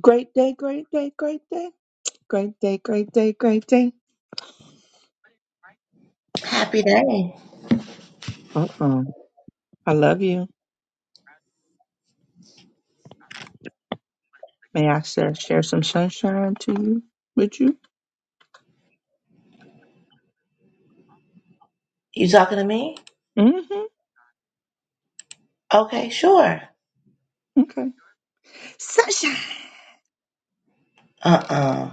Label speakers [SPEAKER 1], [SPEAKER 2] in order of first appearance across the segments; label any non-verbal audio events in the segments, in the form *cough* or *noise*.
[SPEAKER 1] Great day, great day, great day, great day, great day, great day.
[SPEAKER 2] Happy day.
[SPEAKER 1] Uh-uh. I love you. May I share, share some sunshine to you with you?
[SPEAKER 2] You talking to me?
[SPEAKER 1] Mm-hmm.
[SPEAKER 2] Okay, sure.
[SPEAKER 1] Okay. Sunshine.
[SPEAKER 2] Uh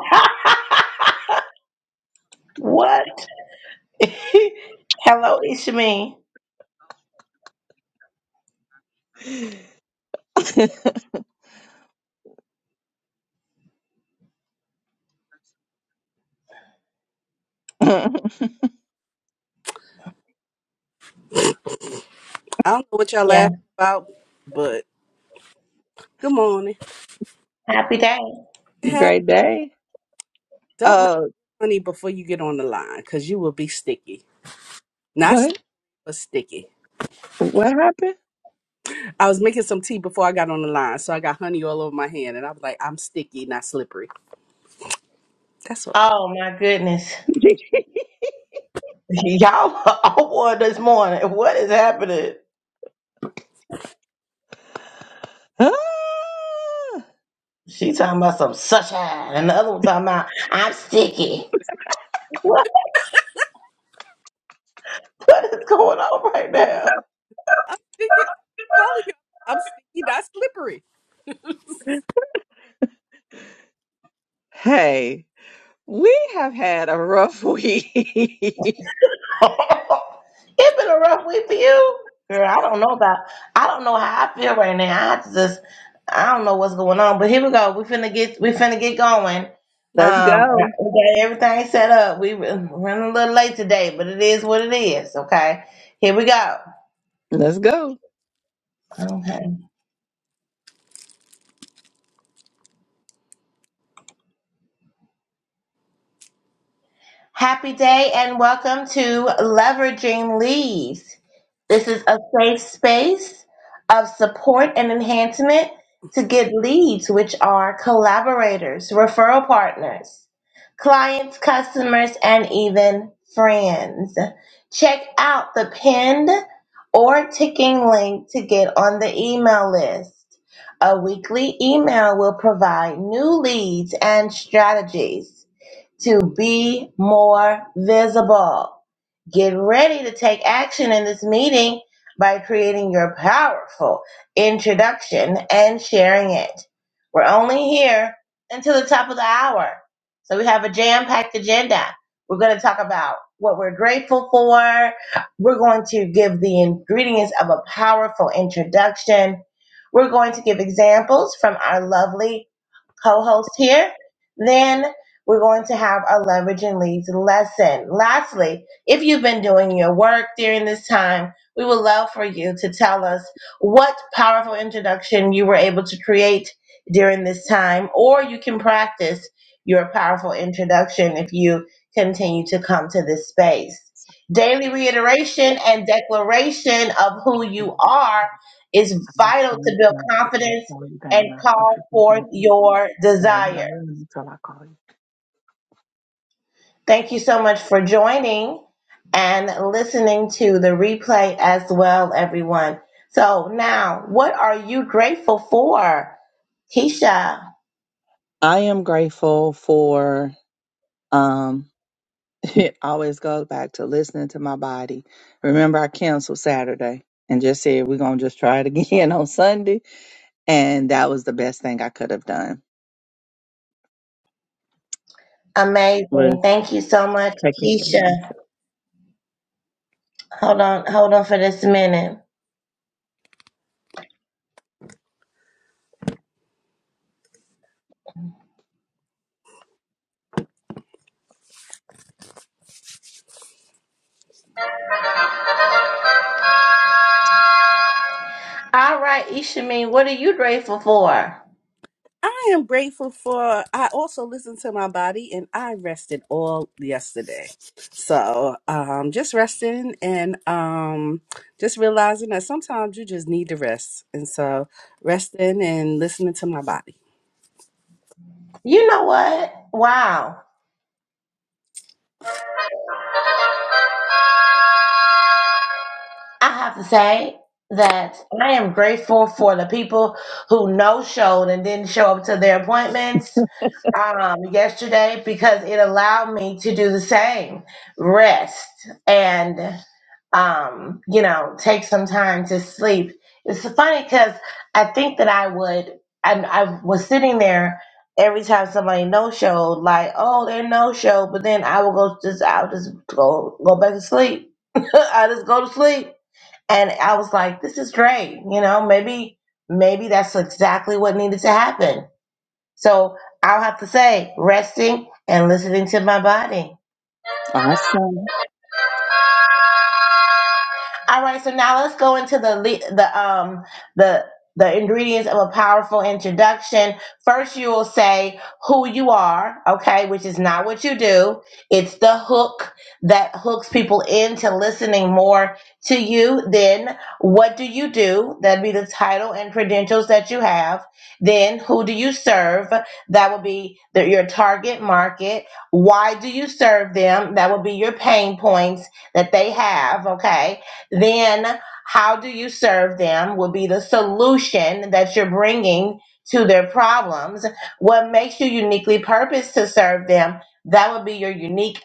[SPEAKER 2] uh *laughs* What? *laughs* Hello, it's me.
[SPEAKER 1] *laughs*
[SPEAKER 3] I don't know what y'all
[SPEAKER 2] Yeah.
[SPEAKER 3] laughing about, but good morning.
[SPEAKER 2] Happy day.
[SPEAKER 3] Happy.
[SPEAKER 1] great day.
[SPEAKER 3] Don't mess
[SPEAKER 1] Uh,
[SPEAKER 3] with honey before you get on the line, cause you will be sticky. Not
[SPEAKER 1] what?
[SPEAKER 3] slippery, but sticky.
[SPEAKER 1] What happened? *laughs*
[SPEAKER 3] I was making some tea before I got on the line, so I got honey all over my hand, and I was like, I'm sticky, not slippery. That's what
[SPEAKER 2] Oh my goodness. *laughs* Y'all are all on this morning. What is happening?
[SPEAKER 1] Ah!
[SPEAKER 2] She talking about some sunshine, and the other one talking about I'm sticky. *laughs* What? What is going on right now?
[SPEAKER 3] I'm sticky. I'm telling you, I'm sticky, not slippery.
[SPEAKER 1] hey, we have had a rough week.
[SPEAKER 2] *laughs* it been a rough week for you, girl. I don't know about. I don't know how I feel right now. I just, I don't know what's going on. But here we go. We finna get, we finna get going.
[SPEAKER 1] *laughs* Let's
[SPEAKER 2] Um,
[SPEAKER 1] go.
[SPEAKER 2] we got everything set up. We run a little late today, but it is what it is. Okay, here we go.
[SPEAKER 1] Let's go.
[SPEAKER 2] Okay. Happy day and welcome to Leveraging Leads. This is a safe space of support and enhancement to get leads, which are collaborators, referral partners, clients, customers, and even friends. Check out the pinned or ticking link to get on the email list. A weekly email will provide new leads and strategies to be more visible. Get ready to take action in this meeting by creating your powerful introduction and sharing it. We're only here until the top of the hour. So we have a jam packed agenda. We're going to talk about what we're grateful for. We're going to give the ingredients of a powerful introduction. We're going to give examples from our lovely co-host here. Then we're going to have our leverage and leads lesson. Lastly, if you've been doing your work during this time, we would love for you to tell us what powerful introduction you were able to create during this time, or you can practice your powerful introduction if you continue to come to this space. Daily reiteration and declaration of who you are is vital to build confidence and call forth your
[SPEAKER 1] Go in the
[SPEAKER 2] desire.
[SPEAKER 1] room until I call you.
[SPEAKER 2] Thank you so much for joining and listening to the replay as well, everyone. So now, what are you grateful for? Keisha,
[SPEAKER 1] I am grateful for um *laughs* I always goes back to listening to my body. Remember I canceled Saturday and just said we're gonna just try it again *laughs* on Sunday. And that was the best thing I could have done was
[SPEAKER 2] amazing. Thank you so much,
[SPEAKER 1] taking care of myself.
[SPEAKER 2] Keisha. Hold on, hold on for this minute. All right, Ishameen, what are you grateful for?
[SPEAKER 3] I am grateful for. I also listened to my body, and I rested all yesterday. So, um, just resting and um, just realizing that sometimes you just need to rest. And so, resting and listening to my body.
[SPEAKER 2] You know what? Wow. I have to say that I am grateful for the people who no showed and didn't show up to their appointments um, yesterday because it allowed me to do the same rest and, um, you know, take some time to sleep. It's funny because I think that I would, I, I was sitting there every time somebody no showed, like, oh, they're no show, but then I will go just, I'll just go, go back to sleep. *laughs* I just go to sleep and I was like, this is great. You know, maybe, maybe that's exactly what needed to happen. So I'll have to say, resting and listening to my body.
[SPEAKER 1] Awesome.
[SPEAKER 2] All right, so now let's go into the le- the um the the ingredients of a powerful introduction. First, you will say who you are, okay, which is not what you do. It's the hook that hooks people into listening more to you. Then, what do you do? That'd be the title and credentials that you have. Then, who do you serve? That would be the, your target market. Why do you serve them? That would be your pain points that they have, okay? Then how do you serve them Will be the solution that you're bringing to their problems. What makes you uniquely purposed to serve them? That would be your unique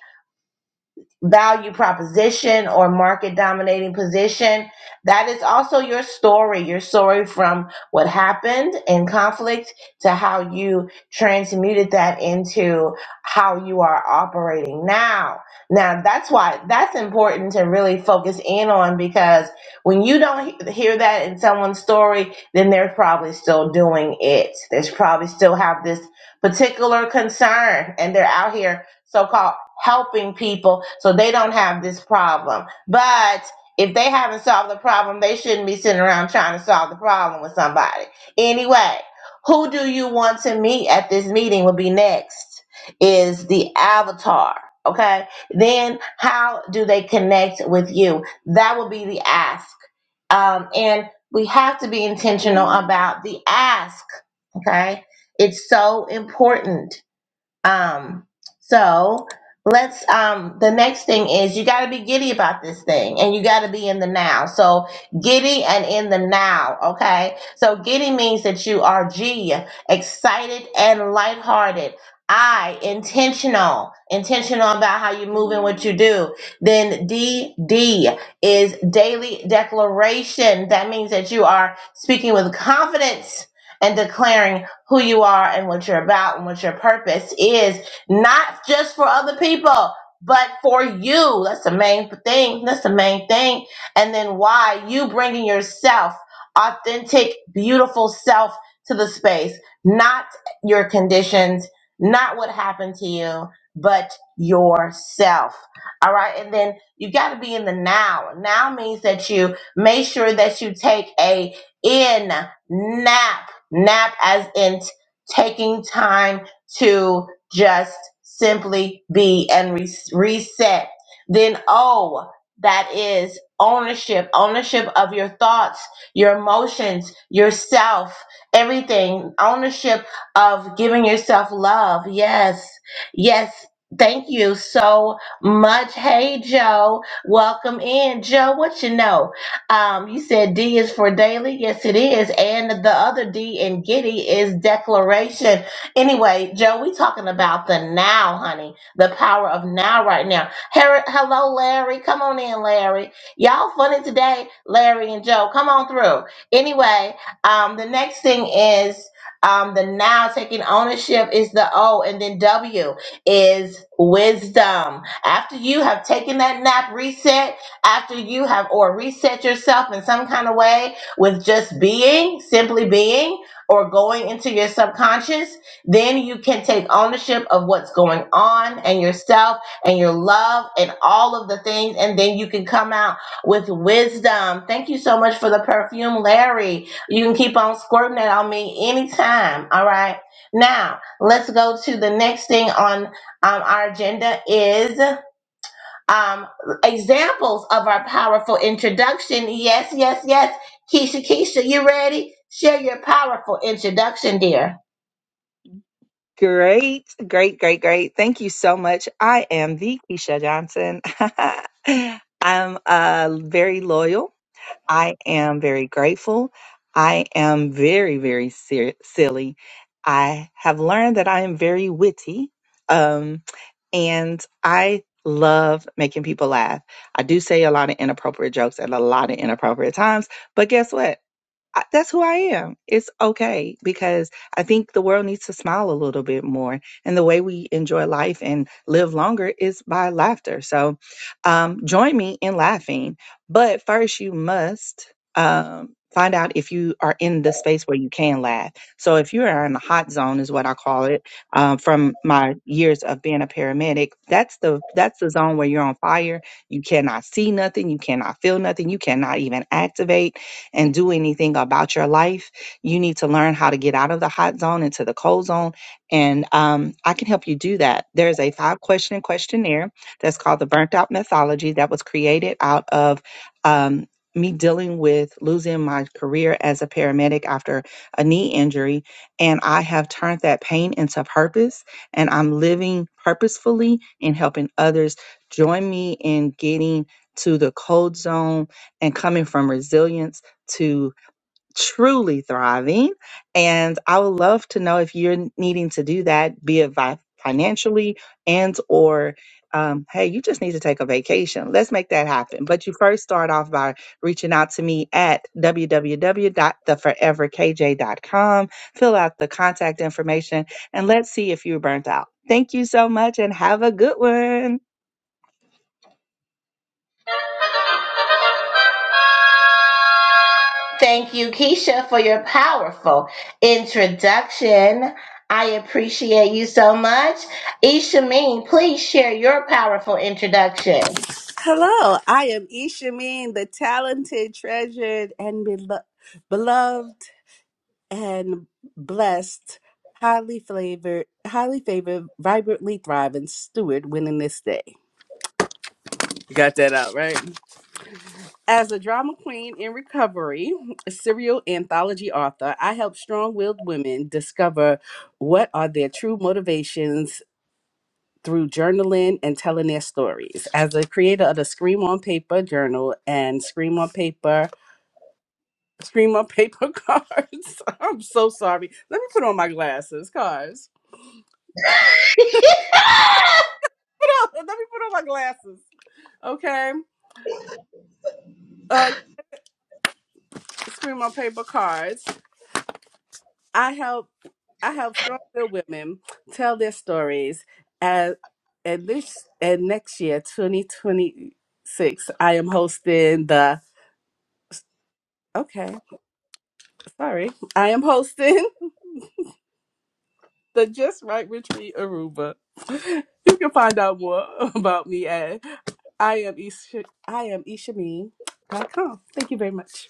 [SPEAKER 2] value proposition or market dominating position. That is also your story, your story from what happened in conflict to how you transmuted that into how you are operating now. Now, that's why that's important to really focus in on because when you don't he- hear that in someone's story, then they're probably still doing it. There's probably still have this particular concern and they're out here so-called helping people so they don't have this problem. But if they haven't solved the problem, they shouldn't be sitting around trying to solve the problem with somebody. Anyway, who do you want to meet at this meeting will be next is the avatar. Okay. Then how do they connect with you? That will be the ask. Um, and we have to be intentional about the ask. Okay. It's so important um, so let's um the next thing is you gotta be giddy about this thing and you gotta be in the now. So giddy and in the now, okay? So giddy means that you are G, excited and lighthearted. I intentional, intentional about how you move and what you do. Then D D is daily declaration. That means that you are speaking with confidence and declaring who you are and what you're about and what your purpose is, not just for other people, but for you. That's the main thing. That's the main thing. And then why you bringing yourself, authentic, beautiful self to the space, not your conditions, not what happened to you, but yourself. All right. And then you got to be in the now. Now means that you make sure that you take a in nap nap as in t- taking time to just simply be and re- reset. Then O, that is ownership, ownership of your thoughts, your emotions, yourself, everything, ownership of giving yourself love. Yes, yes. Thank you so much. Hey, Joe. Welcome in. Joe, what you know? Um, you said D is for daily. Yes, it is. And the other D in Giddy is declaration. Anyway, Joe, we talking about the now, honey. The power of now right now. Her- Hello, Larry. Come on in, Larry. Y'all funny today, Larry and Joe. Come on through. Anyway, um, the next thing is um, the now taking ownership is the O, and then W is wisdom. After you have taken that nap reset, after you have or reset yourself in some kind of way with just being, simply being, or going into your subconscious, then you can take ownership of what's going on and yourself and your love and all of the things. And then you can come out with wisdom. Thank you so much for the perfume, Larry. You can keep on squirting it on me anytime. All right. Now, let's go to the next thing on um, our agenda is um, examples of our powerful introduction. Yes, yes, yes. Keisha, Keisha, you ready? Share your powerful introduction, dear.
[SPEAKER 1] Great, great, great, great. Thank you so much. I am the Keisha Johnson. *laughs* I'm uh very loyal I am very grateful. I am very, very ser- silly. I have learned that I am very witty. Um, and I love making people laugh. I do say a lot of inappropriate jokes at a lot of inappropriate times, but guess what? I, that's who I am. It's okay because I think the world needs to smile a little bit more. And the way we enjoy life and live longer is by laughter. So um, join me in laughing. But first, you must um, find out if you are in the space where you can laugh. So if you are in the hot zone, is what I call it. Um, from my years of being a paramedic, that's the that's the zone where you're on fire. You cannot see nothing. You cannot feel nothing. You cannot even activate and do anything about your life. You need to learn how to get out of the hot zone into the cold zone. And um, I can help you do that. There's a five question questionnaire that's called the Burnt Out Mythology that was created out of um, me dealing with losing my career as a paramedic after a knee injury. And I have turned that pain into purpose, and I'm living purposefully in helping others. Join me in getting to the cold zone and coming from resilience to truly thriving. And I would love to know if you're needing to do that, be it vi- financially and or um, hey, you just need to take a vacation. Let's make that happen. But you first start off by reaching out to me at w w w dot the forever k j dot com. Fill out the contact information and let's see if you're burnt out. Thank you so much and have a good one.
[SPEAKER 2] Thank you, Keisha, for your powerful introduction. I appreciate you so much. Ishameen, please share your powerful introduction.
[SPEAKER 3] Hello, I am Ishameen, the talented, treasured, and belo- beloved and blessed, highly flavored, highly favored, vibrantly thriving steward. Winning this day. You Got that out right. As a drama queen in recovery, a serial anthology author, I help strong willed women discover what are their true motivations through journaling and telling their stories. As a creator of the Scream on Paper journal and Scream on Paper, Scream on Paper *laughs* cards, I'm so sorry. Let me put on my glasses, cards. Put on, *laughs* let me put on my glasses, okay? Uh, Scream on Paper cards. I help I help strong-willed women tell their stories. As and this and next year, 2026, I am hosting the okay, sorry, I am hosting *laughs* the Just Right Retreat Aruba. You can find out more *laughs* about me at I am Isha, I am Ishameen dot com. Thank you very much.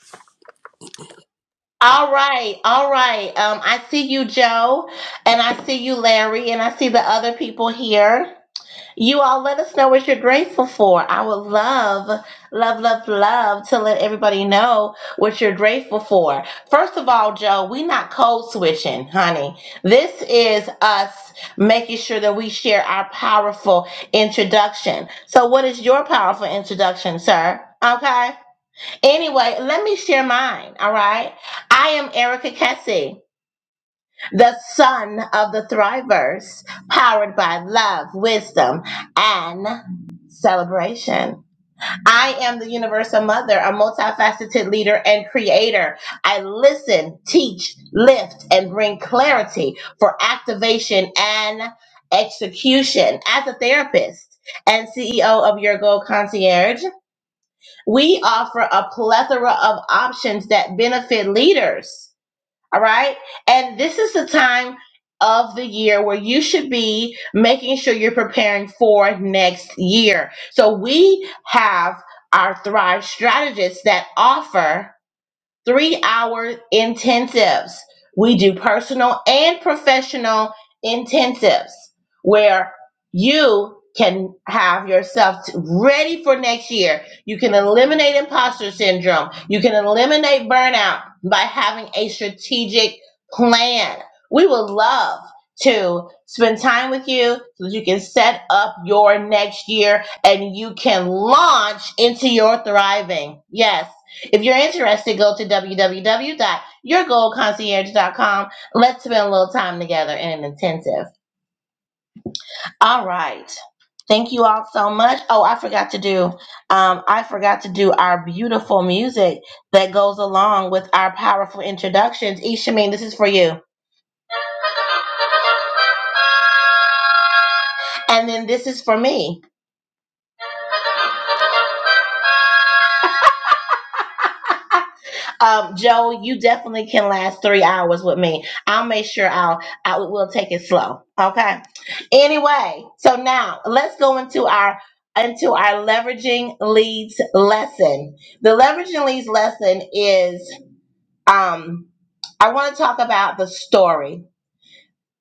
[SPEAKER 2] All right, all right. Um, I see you, Joe, and I see you, Larry, and I see the other people here. You all let us know what you're grateful for. I would love, love, love, love to let everybody know what you're grateful for. First of all, Joe, we not code switching, honey. This is us making sure that we share our powerful introduction. So, what is your powerful introduction, sir? Okay. Anyway, let me share mine. All right. I am Erica Kessie the son of the thrivers, powered by love, wisdom, and celebration. I am the universal mother, a multifaceted leader and creator. I listen, teach, lift, and bring clarity for activation and execution. As a therapist, and CEO of Your Goal Concierge, we offer a plethora of options that benefit leaders all right. And this is the time of the year where you should be making sure you're preparing for next year. So we have our Thrive strategists that offer three hour intensives. We do personal and professional intensives where you can have yourself ready for next year. You can eliminate imposter syndrome. You can eliminate burnout by having a strategic plan. We would love to spend time with you so that you can set up your next year and you can launch into your thriving. Yes if you're interested, go to www.yourgoldconcierge.com. Let's spend a little time together in an intensive. All right. Thank you all so much. Oh, I forgot to do. Um, I forgot to do our beautiful music that goes along with our powerful introductions. Ishameen, this is for you. And then this is for me. *laughs* Um, Joe, you definitely can last three hours with me. I'll make sure I'll I will take it slow. Okay. Anyway, so now let's go into our into our leveraging leads lesson. The leveraging leads lesson is um I want to talk about the story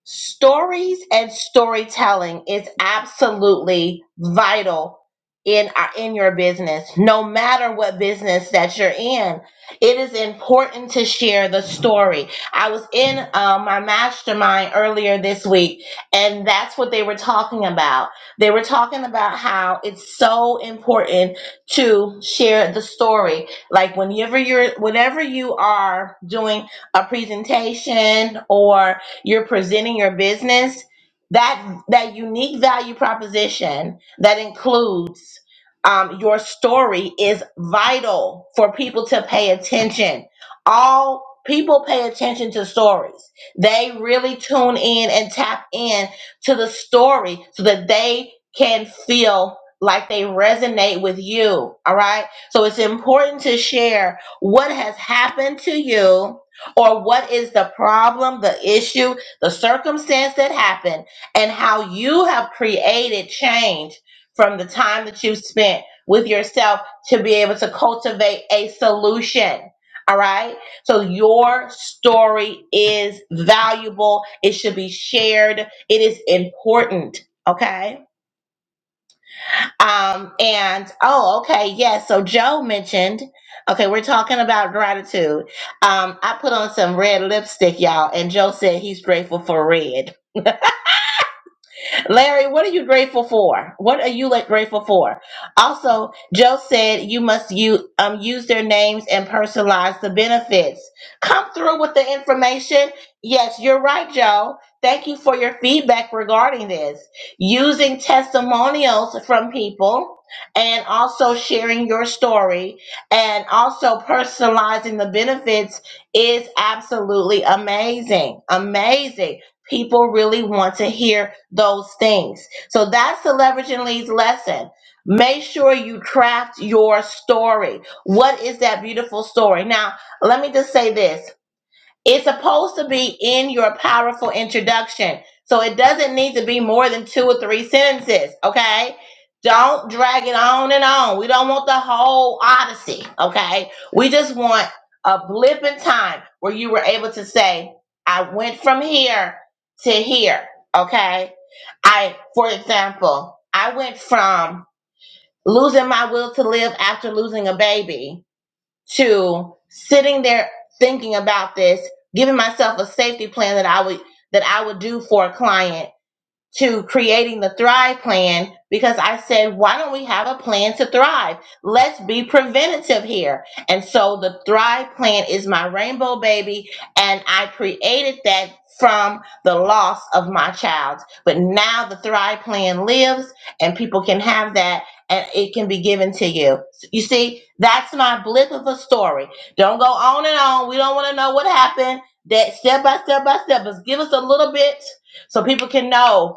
[SPEAKER 2] stories and storytelling is absolutely vital in our in your business no matter what business that you're in it is important to share the story i was in uh, my mastermind earlier this week and that's what they were talking about they were talking about how it's so important to share the story like whenever you're whenever you are doing a presentation or you're presenting your business that that unique value proposition that includes um, your story is vital for people to pay attention. All people pay attention to stories. They really tune in and tap in to the story so that they can feel like they resonate with you. All right. So it's important to share what has happened to you or what is the problem, the issue, the circumstance that happened, and how you have created change from the time that you've spent with yourself to be able to cultivate a solution. All right. So your story is valuable. It should be shared. It is important. Okay. Um, and oh, okay, yes. So Joe mentioned, okay, we're talking about gratitude. Um, I put on some red lipstick, y'all, and Joe said he's grateful for red. Larry, what are you grateful for? What are you like grateful for? Also, Joe said you must use, um, use their names and personalize the benefits. Come through with the information. Yes, you're right, Joe. Thank you for your feedback regarding this. Using testimonials from people and also sharing your story and also personalizing the benefits is absolutely amazing. Amazing People really want to hear those things. So that's the leverage and leads lesson. Make sure you craft your story. What is that beautiful story? Now, let me just say this it's supposed to be in your powerful introduction. So it doesn't need to be more than two or three sentences, okay? Don't drag it on and on. We don't want the whole odyssey, okay? We just want a blip in time where you were able to say, I went from here to here, okay? I, for example, I went from losing my will to live after losing a baby to sitting there thinking about this, giving myself a safety plan that I would that I would do for a client to creating the Thrive Plan because I said, why don't we have a plan to thrive? Let's be preventative here. And so the Thrive Plan is my rainbow baby, and I created that from the loss of my child. But now the Thrive Plan lives, and people can have that. And it can be given to you. You see, that's my blip of a story. Don't go on and on. We don't want to know what happened. That step by step by step, but give us a little bit so people can know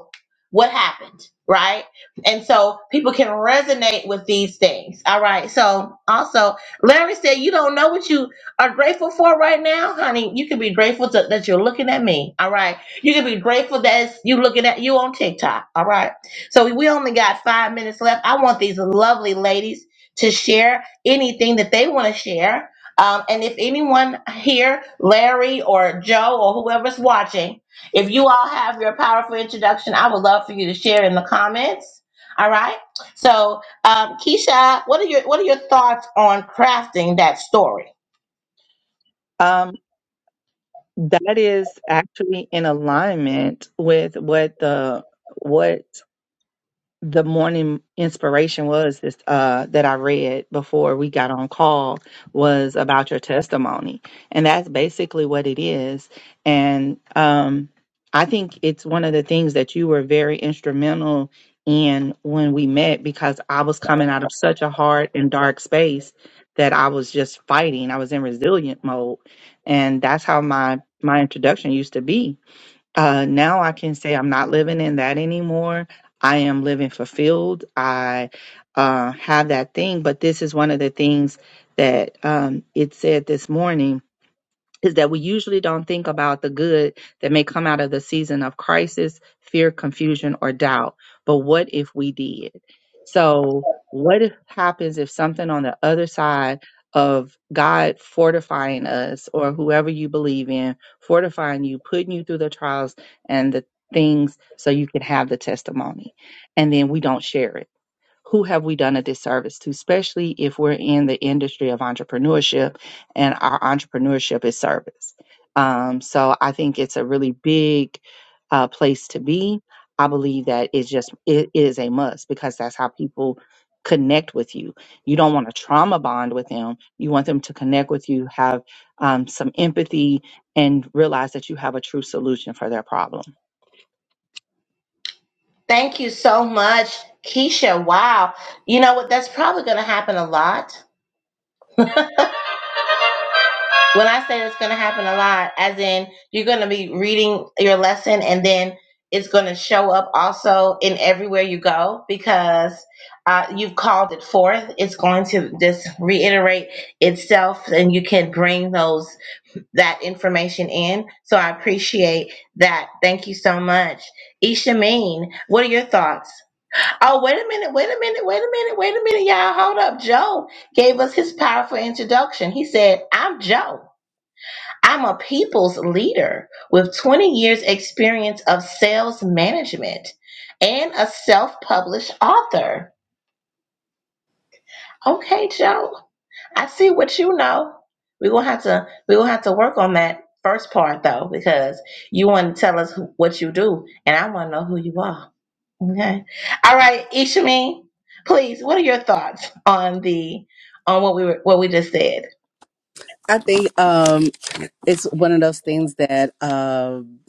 [SPEAKER 2] what happened, right? And so people can resonate with these things. All right. So also, Larry said, You don't know what you are grateful for right now, honey. You can be grateful to, that you're looking at me. All right. You can be grateful that it's- you looking at you on TikTok. All right. So we only got five minutes left. I want these lovely ladies to share anything that they want to share. Um, and if anyone here, Larry or Joe or whoever's watching, if you all have your powerful introduction, I would love for you to share in the comments. All right. So, um, Keisha, what are your what are your thoughts on crafting that story?
[SPEAKER 1] Um, that is actually in alignment with what the what the morning inspiration was this uh that I read before we got on call was about your testimony. And that's basically what it is. And um I think it's one of the things that you were very instrumental in when we met because I was coming out of such a hard and dark space that I was just fighting. I was in resilient mode. And that's how my my introduction used to be uh, now I can say I'm not living in that anymore. I am living fulfilled. I uh, have that thing. But this is one of the things that um, it said this morning is that we usually don't think about the good that may come out of the season of crisis, fear, confusion, or doubt. But what if we did? So, what if- happens if something on the other side of God fortifying us or whoever you believe in, fortifying you, putting you through the trials and the things so you can have the testimony, and then we don't share it? who have we done a disservice to, especially if we're in the industry of entrepreneurship and our entrepreneurship is service. Um, so I think it's a really big uh, place to be. I believe that it's just, it is a must because that's how people connect with you. You don't want to trauma bond with them. You want them to connect with you, have um, some empathy, and realize that you have a true solution for their problem.
[SPEAKER 2] Thank you so much, Keisha. Wow. You know what? That's probably going to happen a lot When I say it's going to happen a lot, as in you're going to be reading your lesson and then it's going to show up also in everywhere you go because uh, you've called it forth. It's going to just reiterate itself and you can bring those that information in. So I appreciate that. Thank you so much. Ishameen, what are your thoughts? Oh, wait a minute, wait a minute, wait a minute, wait a minute, y'all. Hold up. Joe gave us his powerful introduction. He said, I'm Joe. I'm a people's leader with 20 years experience of sales management and a self-published author. Okay, Joe. I see what you know. We're gonna have to we're gonna have to work on that first part though, because you want to tell us who- what you do, and I want to know who you are. Okay. All right, Ishami, please. What are your thoughts on the on what we were what we just said?
[SPEAKER 3] I think um it's one of those things that um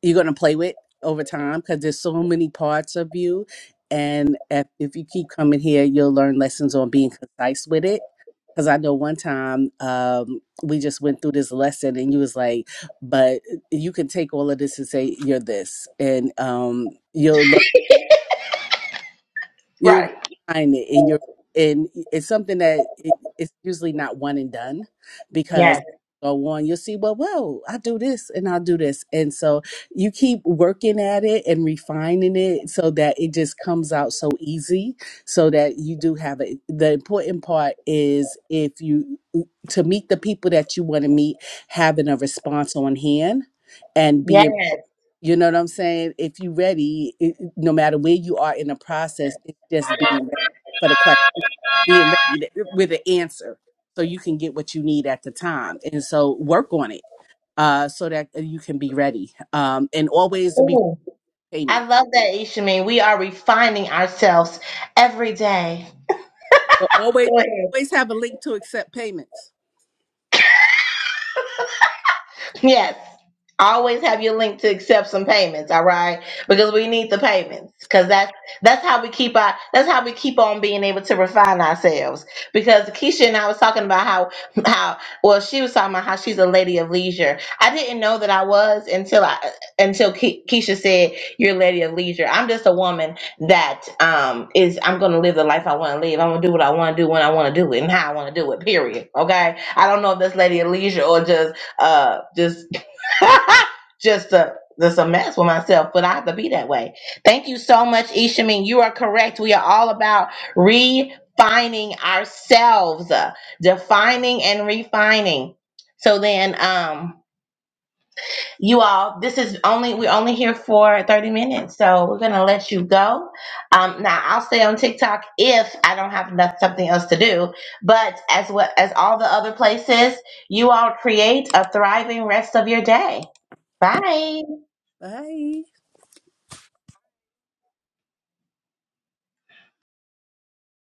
[SPEAKER 3] you're going to play with over time because there's so many parts of you and if, if you keep coming here you'll learn lessons on being concise with it because i know one time um, we just went through this lesson and you was like but you can take all of this and say you're this and um, you'll learn you
[SPEAKER 2] Right.
[SPEAKER 3] refine it and you're and it's something that it, it's usually not one and done because
[SPEAKER 2] Yes.
[SPEAKER 3] go on you'll see well whoa i do this and i'll do this and so you keep working at it and refining it so that it just comes out so easy so that you do have it the important part is if you to meet the people that you want to meet having a response on hand and being
[SPEAKER 2] Yes.
[SPEAKER 3] you know what I'm saying? If you're ready, it, it- no matter where you are in the process, it's just being ready for the question, being ready to, with an answer so you can get what you need at the time. And so work on it uh, so that uh, you can be ready um, and always be
[SPEAKER 2] Ooh, I
[SPEAKER 3] payments.
[SPEAKER 2] love that, Ishamin. We are refining ourselves every day.
[SPEAKER 3] But always,
[SPEAKER 2] Go ahead.
[SPEAKER 3] always have a link to accept payments.
[SPEAKER 2] Yes. Always have your link to accept some payments, all right? Because we need the payments. Cause that's that's how we keep our that's how we keep on being able to refine ourselves. Because Keisha and I was talking about how how well she was talking about how she's a lady of leisure. I didn't know that I was until I until Ke- Keisha said you're a lady of leisure. I'm just a woman that um is I'm gonna live the life I want to live. I'm gonna do what I want to do when I want to do it and how I want to do it. Period. Okay. I don't know if that's lady of leisure or just uh just *laughs* just a just a mess with myself, but I have to be that way. Thank you so much, Ishamin. You are correct. We are all about refining ourselves, uh, defining and refining. So then, um, you all this is only we're only here for 30 minutes so we're gonna let you go um now i'll stay on tiktok if i don't have enough, something else to do but as well as all the other places you all create a thriving rest of your day bye
[SPEAKER 3] Bye.